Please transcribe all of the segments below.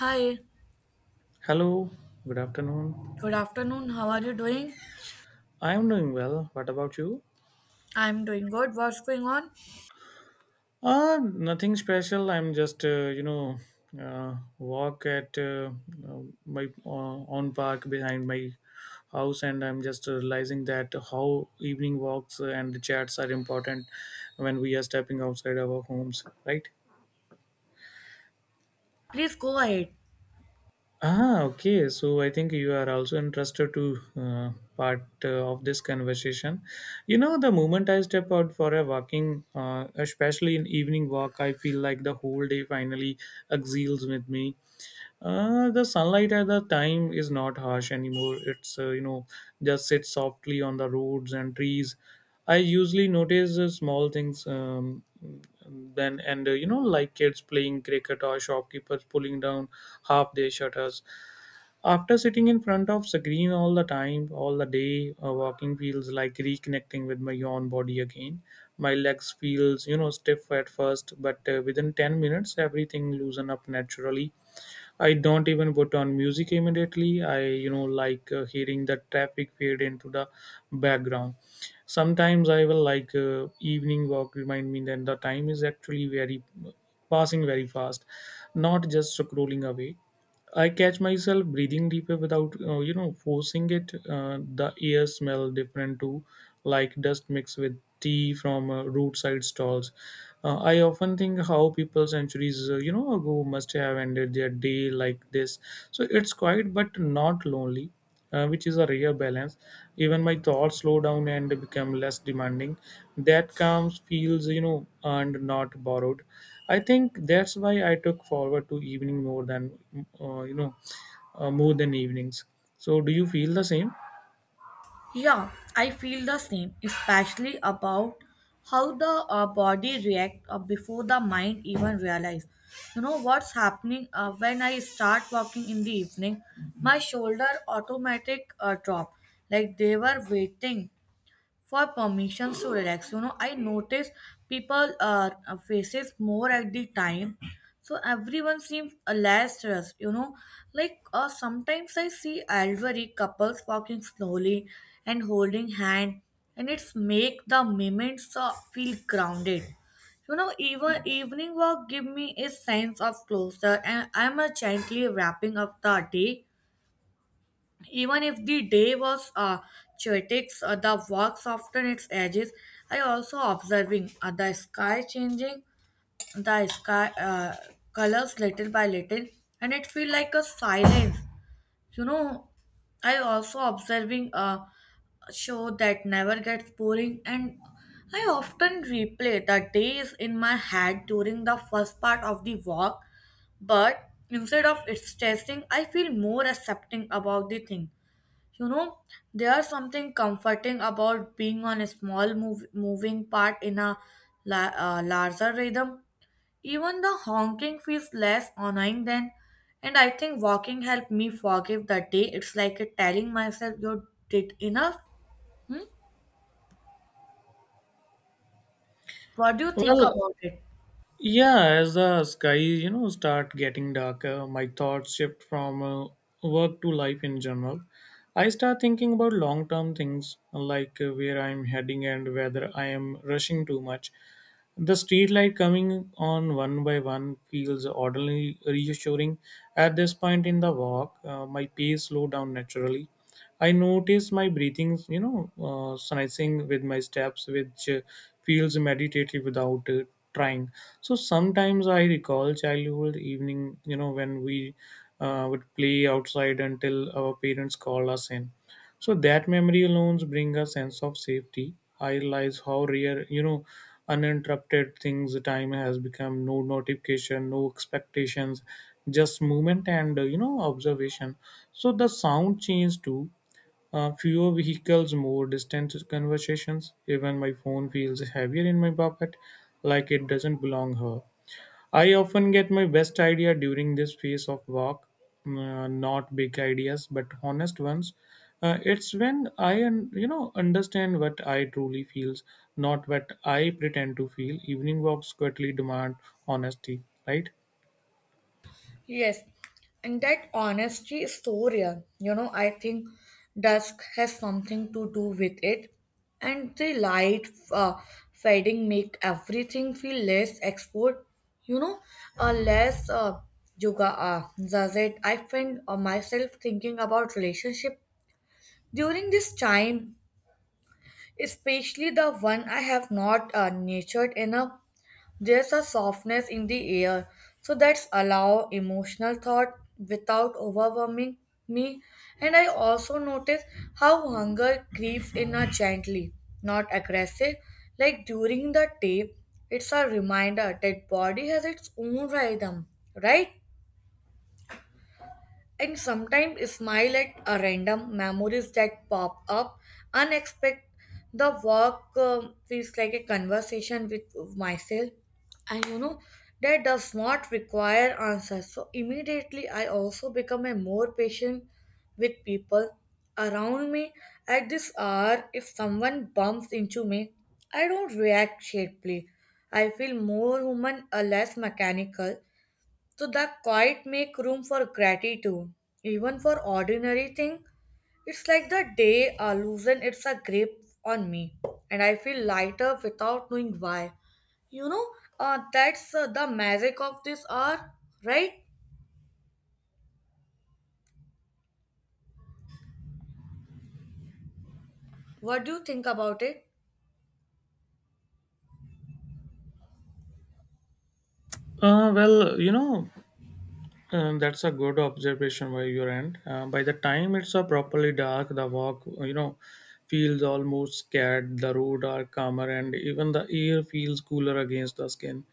Hi, Hello, good afternoon. good afternoon. How are you doing? I am doing well. What about you? I'm doing good. What's going on? Nothing special. I'm just, walk at uh, my own park behind my house, and I'm just realizing that how evening walks and chats are important when we are stepping outside our homes, right? Please go ahead. Ah, okay. So I think you are also interested to part of this conversation. You know, the moment I step out for a walking, especially in evening walk, I feel like the whole day finally exhales with me. The sunlight at the time is not harsh anymore. It's just sits softly on the roads and trees. I usually notice small things then and you know, like kids playing cricket or shopkeepers pulling down half their shutters after sitting in front of screen all the time, all the day, walking feels like reconnecting with my own body again. My legs feels, you know, stiff at first, but within 10 minutes everything loosen up naturally. I don't even put on music immediately. I, you know, like hearing the traffic fade into the background. Sometimes I will like evening walk remind me that the time is actually very passing very fast, not just scrolling away. I catch myself breathing deeper without, you know, forcing it. The air smell different too, like dust mixed with tea from roadside stalls. I often think how people centuries, you know, ago must have ended their day like this. So it's quiet but not lonely, which is a rare balance. Even my thoughts slow down and become less demanding. That comes feels, you know, earned, not borrowed. I think that's why I took forward to evening more than uh, you know more than evenings. So do you feel the same? Yeah, I feel the same, especially about how the body react before the mind even realize. You know what's happening when I start walking in the evening? My shoulder automatic drop, like they were waiting for permissions to relax. You know, I notice people faces more at the time, so everyone seems less stressed. You know, like sometimes I see elderly couples walking slowly and holding hand, and it's make the moments feel grounded. You know, even evening walk give me a sense of closure, and I'm gently wrapping up the day. Even if the day was chaotic, the walk softened its edges. I also observing the sky changing, the sky colors little by little, and it feel like a silence. You know, I also observing a show that never gets boring, and I often replay the days in my head during the first part of the walk. But instead of it stressing, I feel more accepting about the thing. You know, there's something comforting about being on a small move, moving part in a larger rhythm. Even the honking feels less annoying then, and I think walking helped me forgive the day. It's like it telling myself you did enough. Hmm? What do you think Well, about it? yeah, as the sky, you know, start getting darker, my thoughts shift from work to life in general. I start thinking about long-term things like where I'm heading and whether I am rushing too much. The street light coming on one by one feels oddly reassuring. At this point in the walk, my pace slowed down naturally. I noticed my breathing, you know, sensing with my steps, which feels meditative without trying. So sometimes I recall childhood evening, you know, when we would play outside until our parents called us in. So that memory alone bring a sense of safety. I realize how rare, you know, uninterrupted things time has become. No notification, no expectations, just movement and you know, observation. So the sound changed too. Fewer vehicles, more distant conversations. Even my phone feels heavier in my pocket, like it doesn't belong here. I often get my best idea during this phase of work, not big ideas, but honest ones. It's when I, you know, understand what I truly feels, not what I pretend to feel. Evening walks quietly demand honesty, right? Yes, and that honesty is so real. You know, I think dusk has something to do with it, and the light fading make everything feel less export. You know, less yoga. Does it? I find myself thinking about relationship during this time, especially the one I have not nurtured enough. There's a softness in the air, so that's allow emotional thought without overwhelming me. And I also notice how hunger creeps in a gently, not aggressive. Like during the day, it's a reminder that body has its own rhythm, right? And sometimes smile at a random memories that pop up unexpected the walk feels like a conversation with myself, and you know that does not require answers so immediately. I also become a more patient with people around me at this hour. If someone bumps into me I don't react sharply. I feel more human, less mechanical, so that quiet make room for gratitude, even for ordinary thing. It's like the day loosen its a grip on me, and I feel lighter without knowing why. You know, that's the magic of this hour, right? What do you think about it? Well, you know, that's a good observation by your end. By the time it's properly dark, the walk, you know, feels almost scared. The road are calmer, and even the air feels cooler against the skin.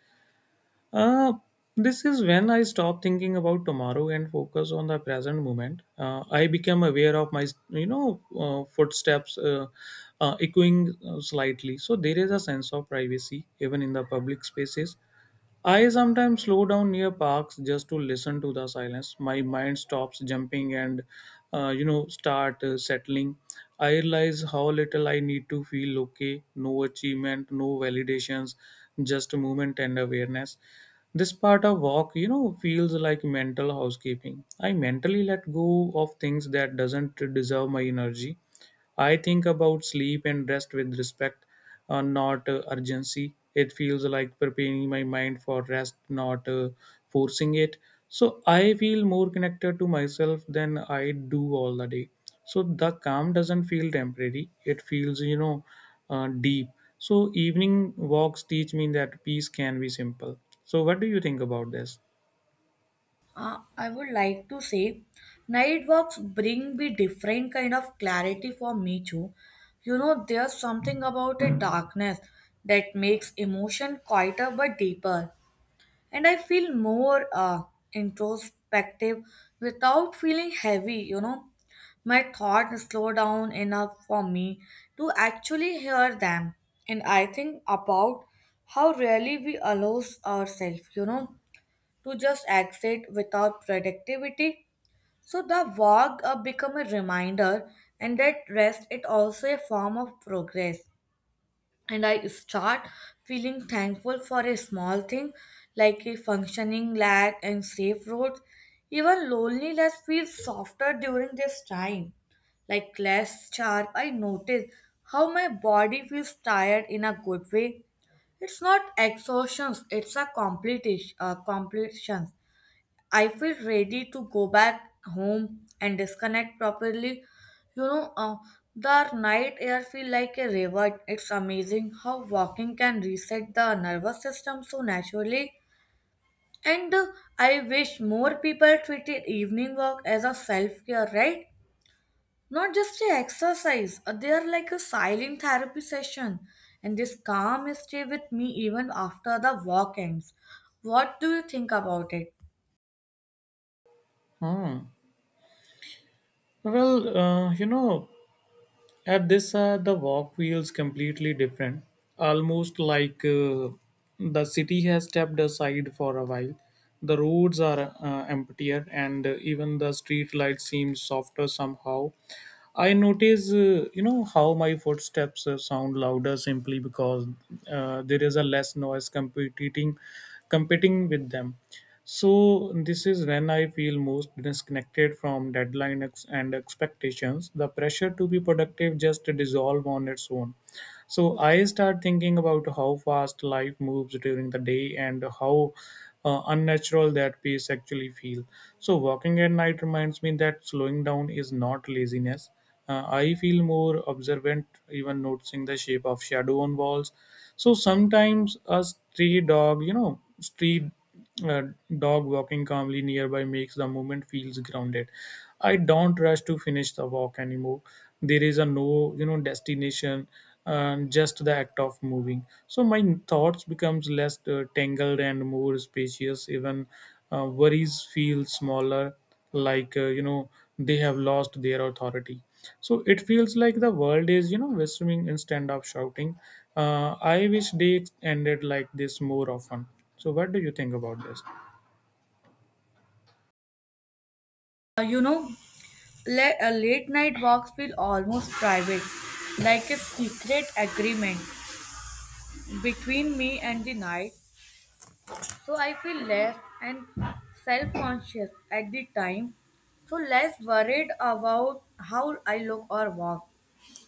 Uh, this is when I stop thinking about tomorrow and focus on the present moment. I became aware of my, you know, footsteps echoing slightly. So there is a sense of privacy even in the public spaces. I sometimes slow down near parks just to listen to the silence. My mind stops jumping and, you know, start settling. I realize how little I need to feel okay. No achievement, no validations, just movement and awareness. This part of walk, you know, feels like mental housekeeping. I mentally let go of things that doesn't deserve my energy. I think about sleep and rest with respect, not urgency. It feels like preparing my mind for rest, not forcing it. So I feel more connected to myself than I do all the day. So the calm doesn't feel temporary. It feels, deep. So evening walks teach me that peace can be simple. So what do you think about this? I would like to say, night walks bring me different kind of clarity for me too. You know, there's something about a darkness that makes emotion quieter but deeper. And I feel more introspective without feeling heavy, you know. My thoughts slow down enough for me to actually hear them, and I think about how rarely we allow ourselves, you know, to just exit without productivity. So the walk become a reminder, and that rest it also a form of progress. And I start feeling thankful for a small thing like a functioning lag and safe roads. Even loneliness feels softer during this time, like less sharp. I notice how my body feels tired in a good way. It's not exhaustion, it's a complete completion. I feel ready to go back home and disconnect properly. You know, the night air feel like a reward. It's amazing how walking can reset the nervous system so naturally. And I wish more people treated evening walk as a self care, right? Not just a exercise. They are like a silent therapy session. And this calm stay with me even after the walk ends. What do you think about it? Hmm. Well, you know, at this, the walk feels completely different, almost like the city has stepped aside for a while. The roads are emptier, and even the street lights seem softer somehow. I notice, you know, how my footsteps sound louder simply because there is a less noise competing with them. So this is when I feel most disconnected from deadline and expectations. The pressure to be productive just dissolve on its own. So I start thinking about how fast life moves during the day and how unnatural that pace actually feel. So walking at night reminds me that slowing down is not laziness. I feel more observant, even noticing the shape of shadow on walls. So sometimes a stray dog, you know, street a dog walking calmly nearby makes the movement feels grounded. I don't rush to finish the walk anymore. There is a no, you know, destination, just the act of moving. So my thoughts becomes less tangled and more spacious. Even worries feel smaller, like you know, they have lost their authority, so it feels like the world is, you know, whistling instead of shouting. I wish they ended like this more often. So what do you think about this? You know, late night walks feel almost private, like a secret agreement between me and the night. So I feel less and self conscious at the time, so less worried about how I look or walk.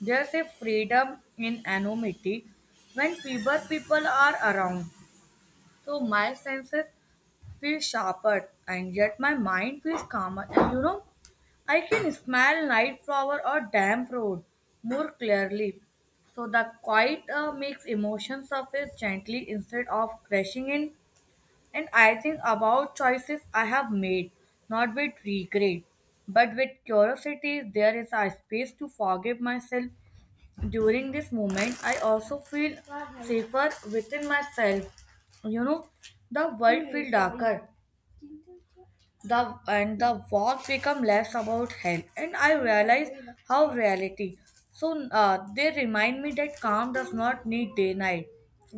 There's a freedom in anonymity when fewer people are around. So my senses feels sharper and yet my mind feels calmer. And you know, I can smell night flower or damp road more clearly. So the quiet makes emotions surface gently instead of crashing in. And I think about choices I have made, not with regret, but with curiosity. There is a space to forgive myself. During this moment, I also feel safer within myself. You know, the world feels darker the and the wars become less about hell, and I realize how reality. So they remind me that calm does not need day night.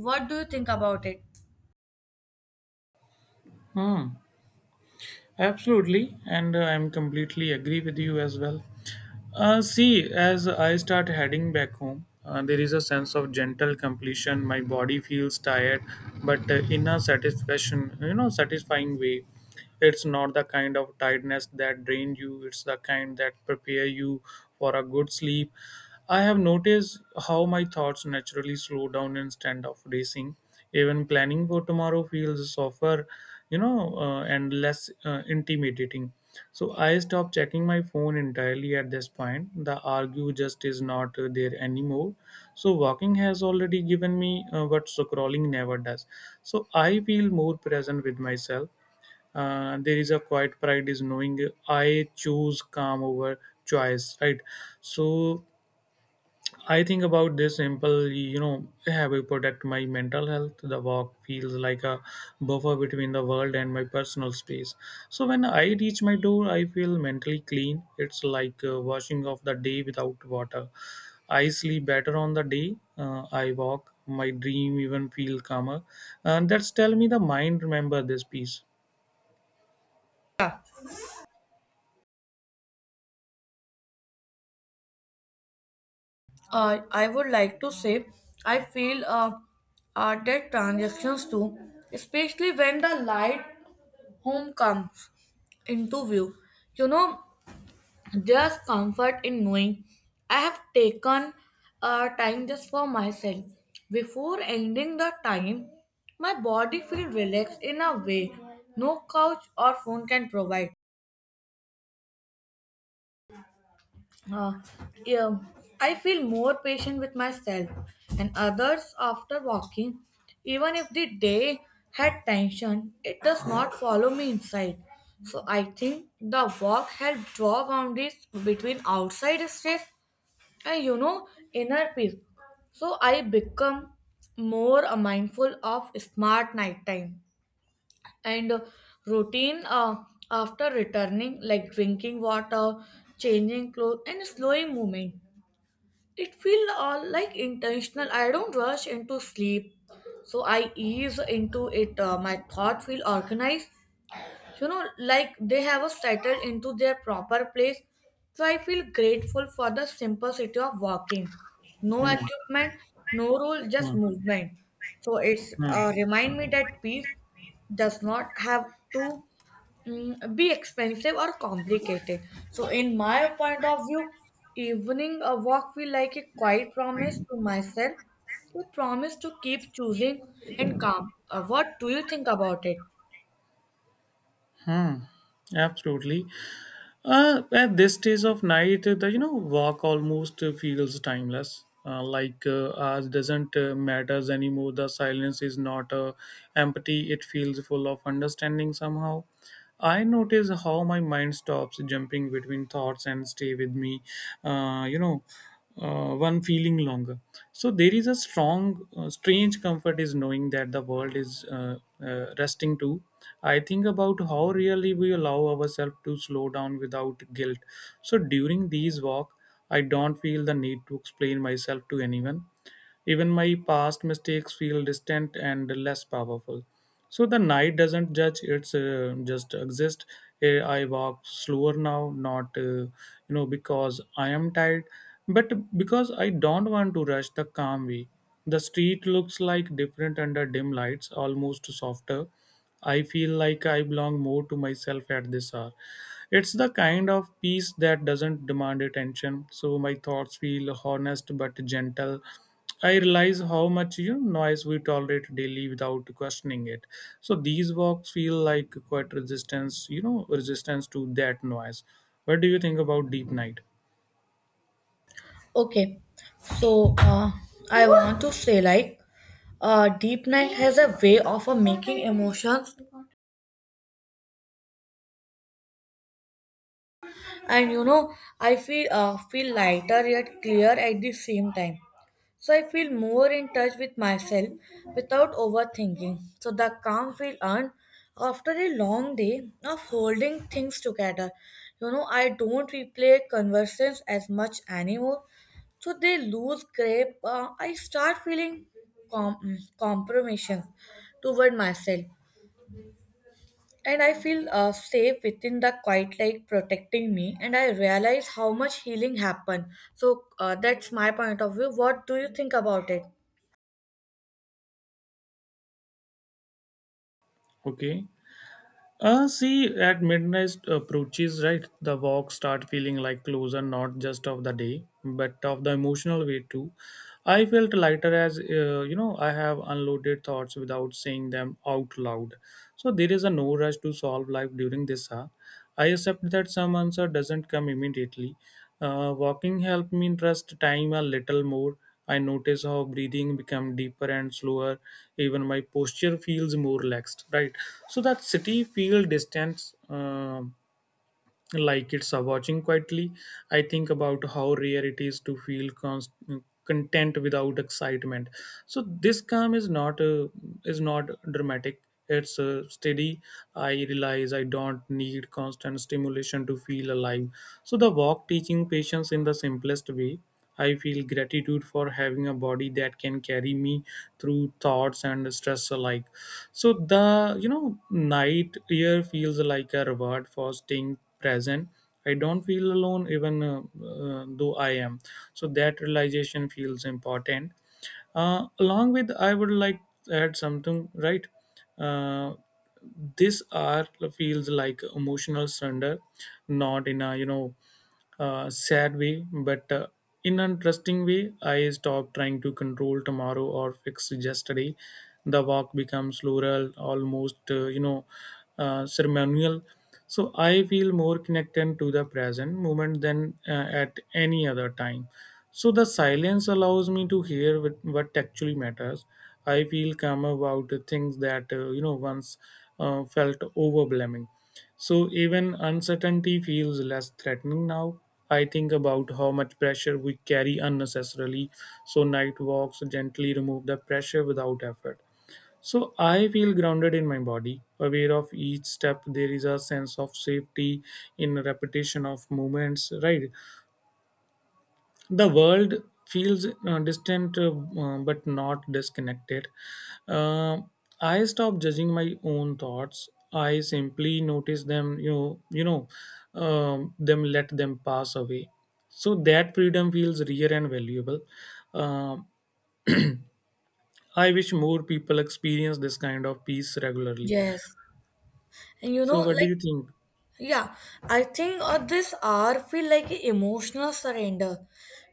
What do you think about it? Hmm, absolutely, and I'm completely agree with you as well. See, as I start heading back home, there is a sense of gentle completion. My body feels tired, but in a satisfaction, you know, satisfying way. It's not the kind of tiredness that drains you. It's the kind that prepare you for a good sleep. I have noticed how my thoughts naturally slow down instead of racing. Even planning for tomorrow feels softer, and less intimidating. So I stopped checking my phone entirely at this point. The argue just is not there anymore. So walking has already given me what scrolling never does. So I feel more present with myself. There is a quiet pride is knowing I choose calm over choice, right? So I think about this simple, you know, have I protect my mental health? The walk feels like a buffer between the world and my personal space. So when I reach my door, I feel mentally clean. It's like washing off the day without water. I sleep better on the day. I walk. My dream even feel calmer. And that's tell me the mind remember this piece. Uh, I would like to say I feel that transactions too, especially when the light home comes into view, you know. Just comfort in knowing I have taken time just for myself. Before ending the time, my body feels relaxed in a way no couch or phone can provide. Uh, yeah, I feel more patient with myself and others after walking. Even if the day had tension, it does not follow me inside. So I think the walk helped draw boundaries between outside stress and, you know, inner peace. So I become more mindful of smart nighttime and routine after returning, like drinking water, changing clothes and slowing movement. It feels all like intentional. I don't rush into sleep, so I ease into it. My thought feel organized, you know, like they have us settled into their proper place. So I feel grateful for the simplicity of walking. No Hmm, equipment, no rule, just hmm, movement. So it's hmm, remind me that peace does not have to be expensive or complicated. So in my point of view evening a walk feel like a quiet promise to myself, a promise to keep choosing and calm. What do you think about it? hmm. Absolutely. At this stage of night, the, you know, walk almost feels timeless. Like ours doesn't matters anymore. The silence is not empty. It feels full of understanding somehow. I notice how my mind stops jumping between thoughts and stay with me. You know, one feeling longer. So there is a strange comfort is knowing that the world is resting too. I think about how really we allow ourselves to slow down without guilt. So during these walk, I don't feel the need to explain myself to anyone. Even my past mistakes feel distant and less powerful. So the night doesn't judge; it's just exist. Eh, I walk slower now, not you know, because I am tired, but because I don't want to rush the calm way. The street looks like different under dim lights, almost softer. I feel like I belong more to myself at this hour. It's the kind of peace that doesn't demand attention, so my thoughts feel honest but gentle. I realize how much, you know, noise we tolerate daily without questioning it. So these walks feel like quite resistance, you know, resistance to that noise. What do you think about deep night? Okay, so I want to say like Deep Night has a way of making emotions, and you know I feel lighter yet clear at the same time. So I feel more in touch with myself without overthinking. So the calm feel earned after a long day of holding things together. You know, I don't replay conversations as much anymore. So they lose grip. I start feeling compromissions toward myself. And I feel safe within the quiet like protecting me. And I realize how much healing happened. So that's my point of view. What do you think about it? Okay. See, at midnight approaches, right, the walks start feeling like closer, not just of the day, but of the emotional way too. I felt lighter as you know, I have unloaded thoughts without saying them out loud. So there is a no rush to solve life during this hour. I accept that some answer doesn't come immediately. Walking helped me trust time a little more. I notice how breathing become deeper and slower. Even my posture feels more relaxed. Right. So that city feel distance. um like it's a watching quietly. I think about how rare it is to feel content without excitement. So this calm is not dramatic, it's steady. I realize I don't need constant stimulation to feel alive. So the walk teaching patience in the simplest way. I feel gratitude for having a body that can carry me through thoughts and stress alike. So the night air feels like a reward for staying present. I don't feel alone even though I am. So that realization feels important. Along with, I would like to add something, right. uh, this art feels like emotional surrender, not in a sad way, but in an interesting way. I stop trying to control tomorrow or fix yesterday. The walk becomes floral, almost ceremonial. So I feel more connected to the present moment than at any other time. So the silence allows me to hear what actually matters. I feel calm about the things that once felt overwhelming. So even uncertainty feels less threatening now. I think about how much pressure we carry unnecessarily, so night walks gently remove the pressure without effort. So I feel grounded in my body, aware of each step. There is a sense of safety in repetition of movements, right? The world feels distant but not disconnected. Uh, I stop judging my own thoughts, I simply notice them you know them let them pass away. So that freedom feels rare and valuable. Um I wish more people experience this kind of peace regularly. Yes. And you So know, what do like, you think? yeah, I think this hour feel like a emotional surrender,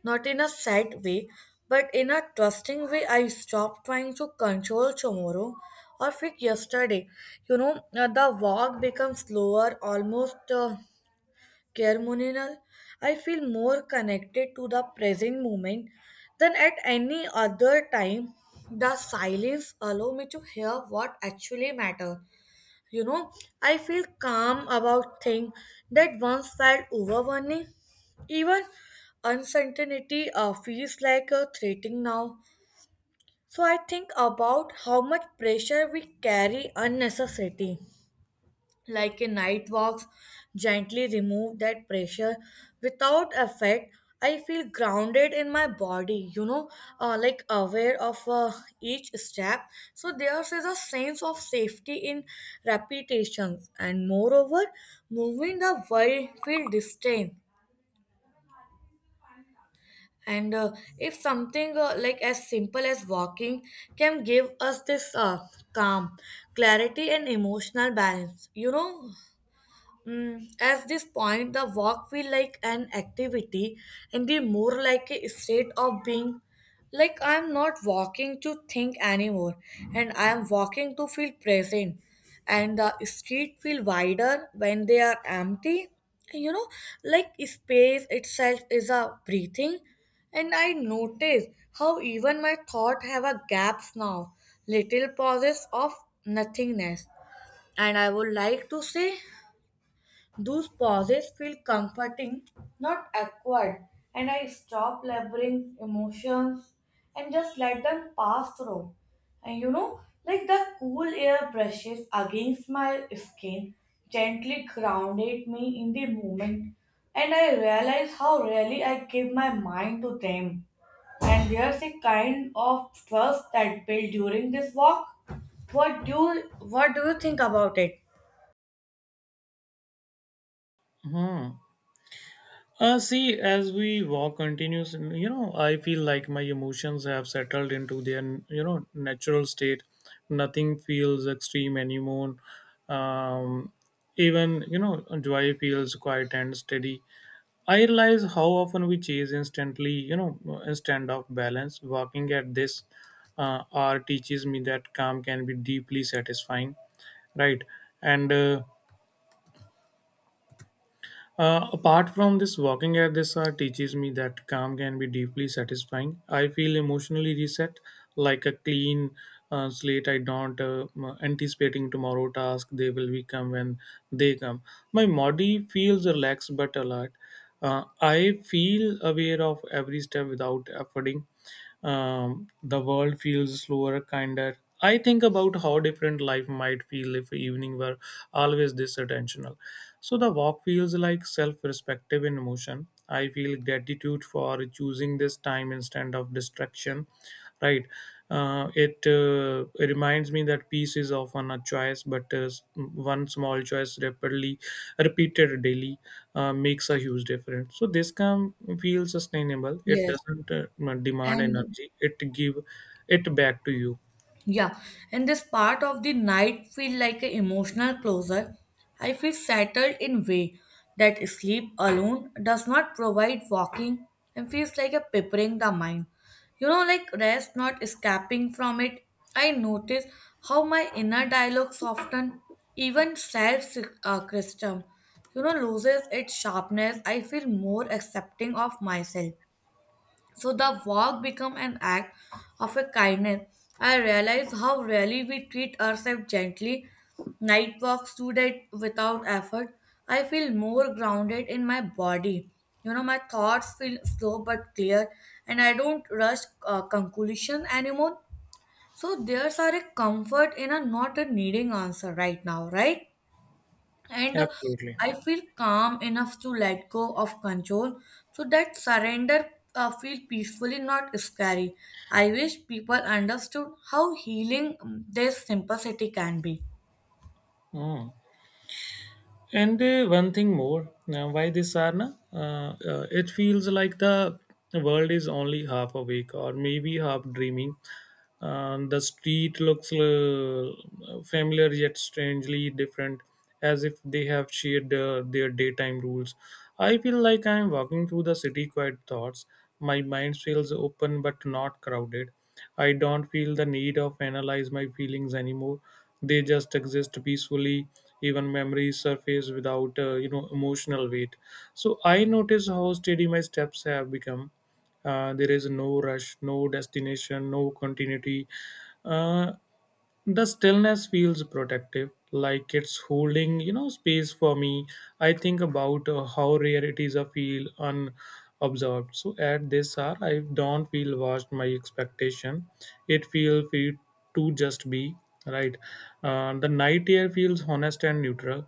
not in a sad way, but in a trusting way. I stopped trying to control tomorrow or fix yesterday. You know, the walk becomes slower, almost ceremonial. I feel more connected to the present moment than at any other time. The silence allow me to hear what actually matter, you know. I feel calm about things that once felt overwhelming. Even uncertainty feels like a threatening now. So I think about how much pressure we carry unnecessarily, like a night walks gently remove that pressure without effect. I feel grounded in my body, you know, like aware of each step. So there is a sense of safety in repetitions, and moreover moving the world feel distant. And if something like as simple as walking can give us this calm, clarity and emotional balance, you know. Mm, at this point, the walk feel like an activity and the more like a state of being. Like I'm not walking to think anymore, and I am walking to feel present. And the street feel wider when they are empty. You know, like space itself is a breathing. And I notice how even my thought have a gaps now, little pauses of nothingness. And I would like to say those pauses feel comforting, not awkward, and I stop laboring emotions and just let them pass through. And you know, like the cool air brushes against my skin, gently grounded me in the moment, and I realize how rarely I give my mind to them. And there's a kind of trust that built during this walk. What do you think about it? Hmm. See, as we walk continues, you know, I feel like my emotions have settled into their, you know, natural state. Nothing feels extreme anymore. Um, Even, you know, joy feels quiet and steady. I realize how often we chase instantly, you know, instant of balance. Walking at this hour teaches me that calm can be deeply satisfying, right? And Apart from this, walking at this hour teaches me that calm can be deeply satisfying. I feel emotionally reset, like a clean slate. I don't anticipating tomorrow task. They will be come when they come. My body feels relaxed but alert. I feel aware of every step without efforting. The world feels slower, kinder. I think about how different life might feel if evening were always this attentional. So the walk feels like self-perspective in motion. I feel gratitude for choosing this time instead of distraction, right? It reminds me that peace is often a choice, but one small choice rapidly repeated daily makes a huge difference. So this can feel sustainable. It Yes, doesn't demand and energy. It give it back to you. yeah, and this part of the night feel like an emotional closure. I feel settled in way that sleep alone does not provide walking and feels like a preparing the mind. You know, like rest not escaping from it. I notice how my inner dialogue soften, even self criticism, you know, loses its sharpness. I feel more accepting of myself. So the walk become an act of a kindness. I realize how rarely we treat ourselves gently. Night walks today without effort. I feel more grounded in my body. You know, my thoughts feel slow but clear, and I don't rush conclusion anymore. So there's are a comfort in a not a needing answer right now, right? And Absolutely. I feel calm enough to let go of control. So that surrender feel peacefully, not scary. I wish people understood how healing this simplicity can be. Mm. And one thing more, now why this sarna? It feels like the world is only half awake or maybe half dreaming. And the street looks familiar yet strangely different, as if they have shared their daytime rules. I feel like I am walking through the city quiet thoughts. My mind feels open but not crowded. I don't feel the need of analyze my feelings anymore, they just exist peacefully. Even memories surface without emotional weight. So I notice how steady my steps have become. There is no rush, no destination, no continuity. Uh, the stillness feels protective, like it's holding, you know, space for me. I think about how rare it is I feel unobserved. So at this hour, I don't feel washed my expectation. It feels free to just be, right. The night air feels honest and neutral.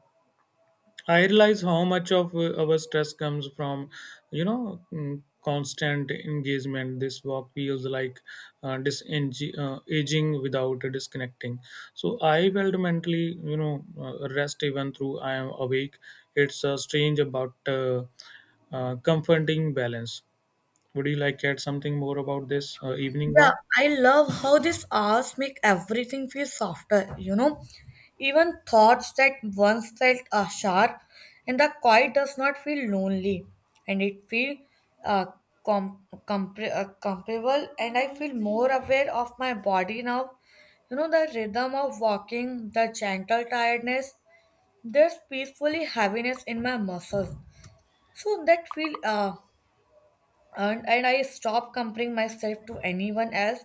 I realize how much of our stress comes from, you know, mm, constant engagement. This walk feels like disengaging aging without disconnecting. So I felt mentally, you know, rest even through I am awake. It's strange about comforting balance. Would you like to add something more about this evening Yeah, walk? I love how these hours make everything feel softer, you know. Even thoughts that once felt sharp and the quiet does not feel lonely, and it feel uh, comparable, and I feel more aware of my body now. You know, the rhythm of walking, the gentle tiredness, there's peacefully heaviness in my muscles. So that feel and I stop comparing myself to anyone else.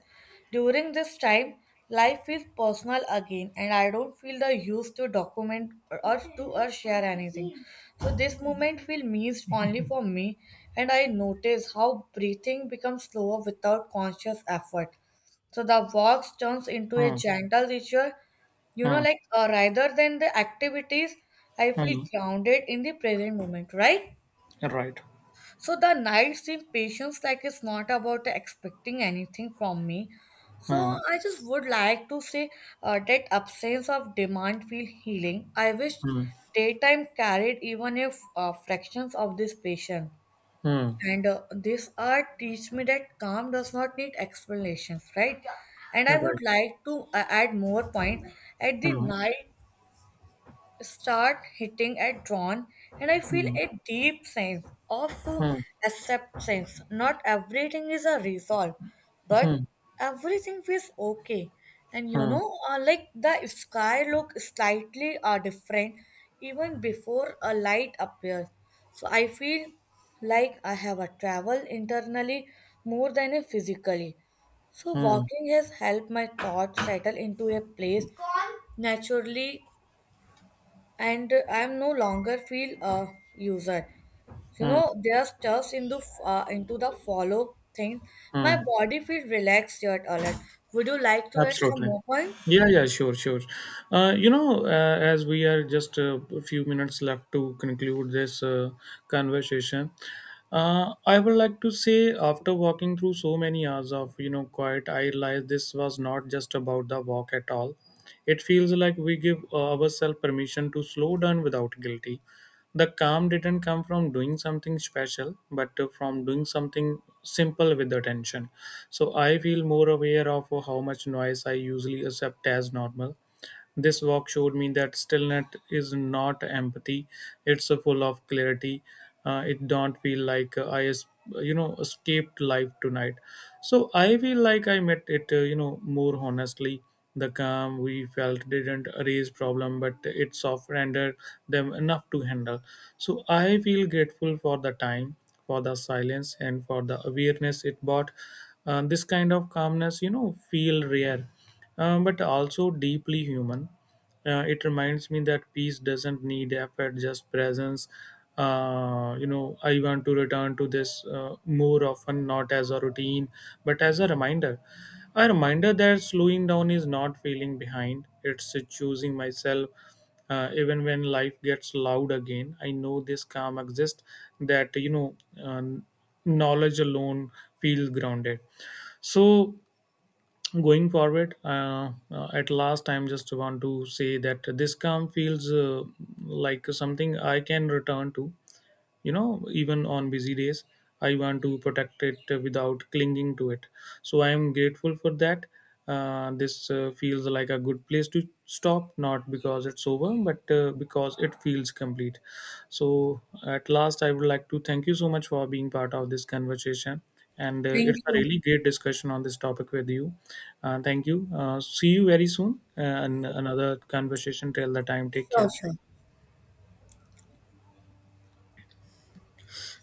During this time, life feels personal again, and I don't feel the use to document or to or share anything. So this moment feels missed only for me, and I notice how breathing becomes slower without conscious effort. So the walk turns into a Hmm. gentle ritual, you know, Hmm. like rather than the activities. I feel Hmm. grounded in the present moment, right? Right. So the night's impatience, like it's not about expecting anything from me. So Hmm. I just would like to say that absence of demand feel healing. I wish Hmm. daytime carried even if fractions of this patient. Hmm. And this art teach me that calm does not need explanations, right? And I would Right. like to add more point. At the Huh. night, start hitting at dawn, and I feel Hmm. a deep sense of Hmm. acceptance. Not everything is a resolve, Hmm. but everything feels okay. And you Hmm, know, like the sky look slightly different even before a light appears. So I feel like I have a travel internally more than a physically. So hmm, walking has helped my thoughts settle into a place naturally, and I'm no longer feel a user. You hmm, know, there's stuffs into the follow thing. My hmm. body feels relaxed yet alert. Would you like to add some Absolutely. more point? Yeah, yeah, sure, sure. As we are just a few minutes left to conclude this conversation, I would like to say, after walking through so many hours of, you know, quiet, I realized this was not just about the walk at all. It feels like we give ourselves permission to slow down without guilt. The calm didn't come from doing something special, but from doing something simple with attention. So I feel more aware of how much noise I usually accept as normal. This walk showed me that stillness is not empathy; it's a full of clarity. It don't feel like I, es- you know, escaped life tonight. So I feel like I met it, more honestly. The calm we felt didn't erase problem, but it softened them enough to handle. So I feel grateful for the time, for the silence, and for the awareness it brought. This kind of calmness, you know, feel rare, but also deeply human. It reminds me that peace doesn't need effort, just presence. You know, I want to return to this more often, not as a routine, but as a reminder. A reminder that slowing down is not feeling behind, it's choosing myself. Even when life gets loud again, I know this calm exists. That, you know, knowledge alone feels grounded. So, going forward, at last I'm just want to say that this calm feels like something I can return to, you know, even on busy days. I want to protect it without clinging to it, so I am grateful for that. This feels like a good place to stop, not because it's over but because it feels complete. So at last I would like to thank you so much for being part of this conversation, and it's Thank a you. really great discussion on this topic with you. Thank you. See you very soon, and another conversation, till the time take Sure, sure. care.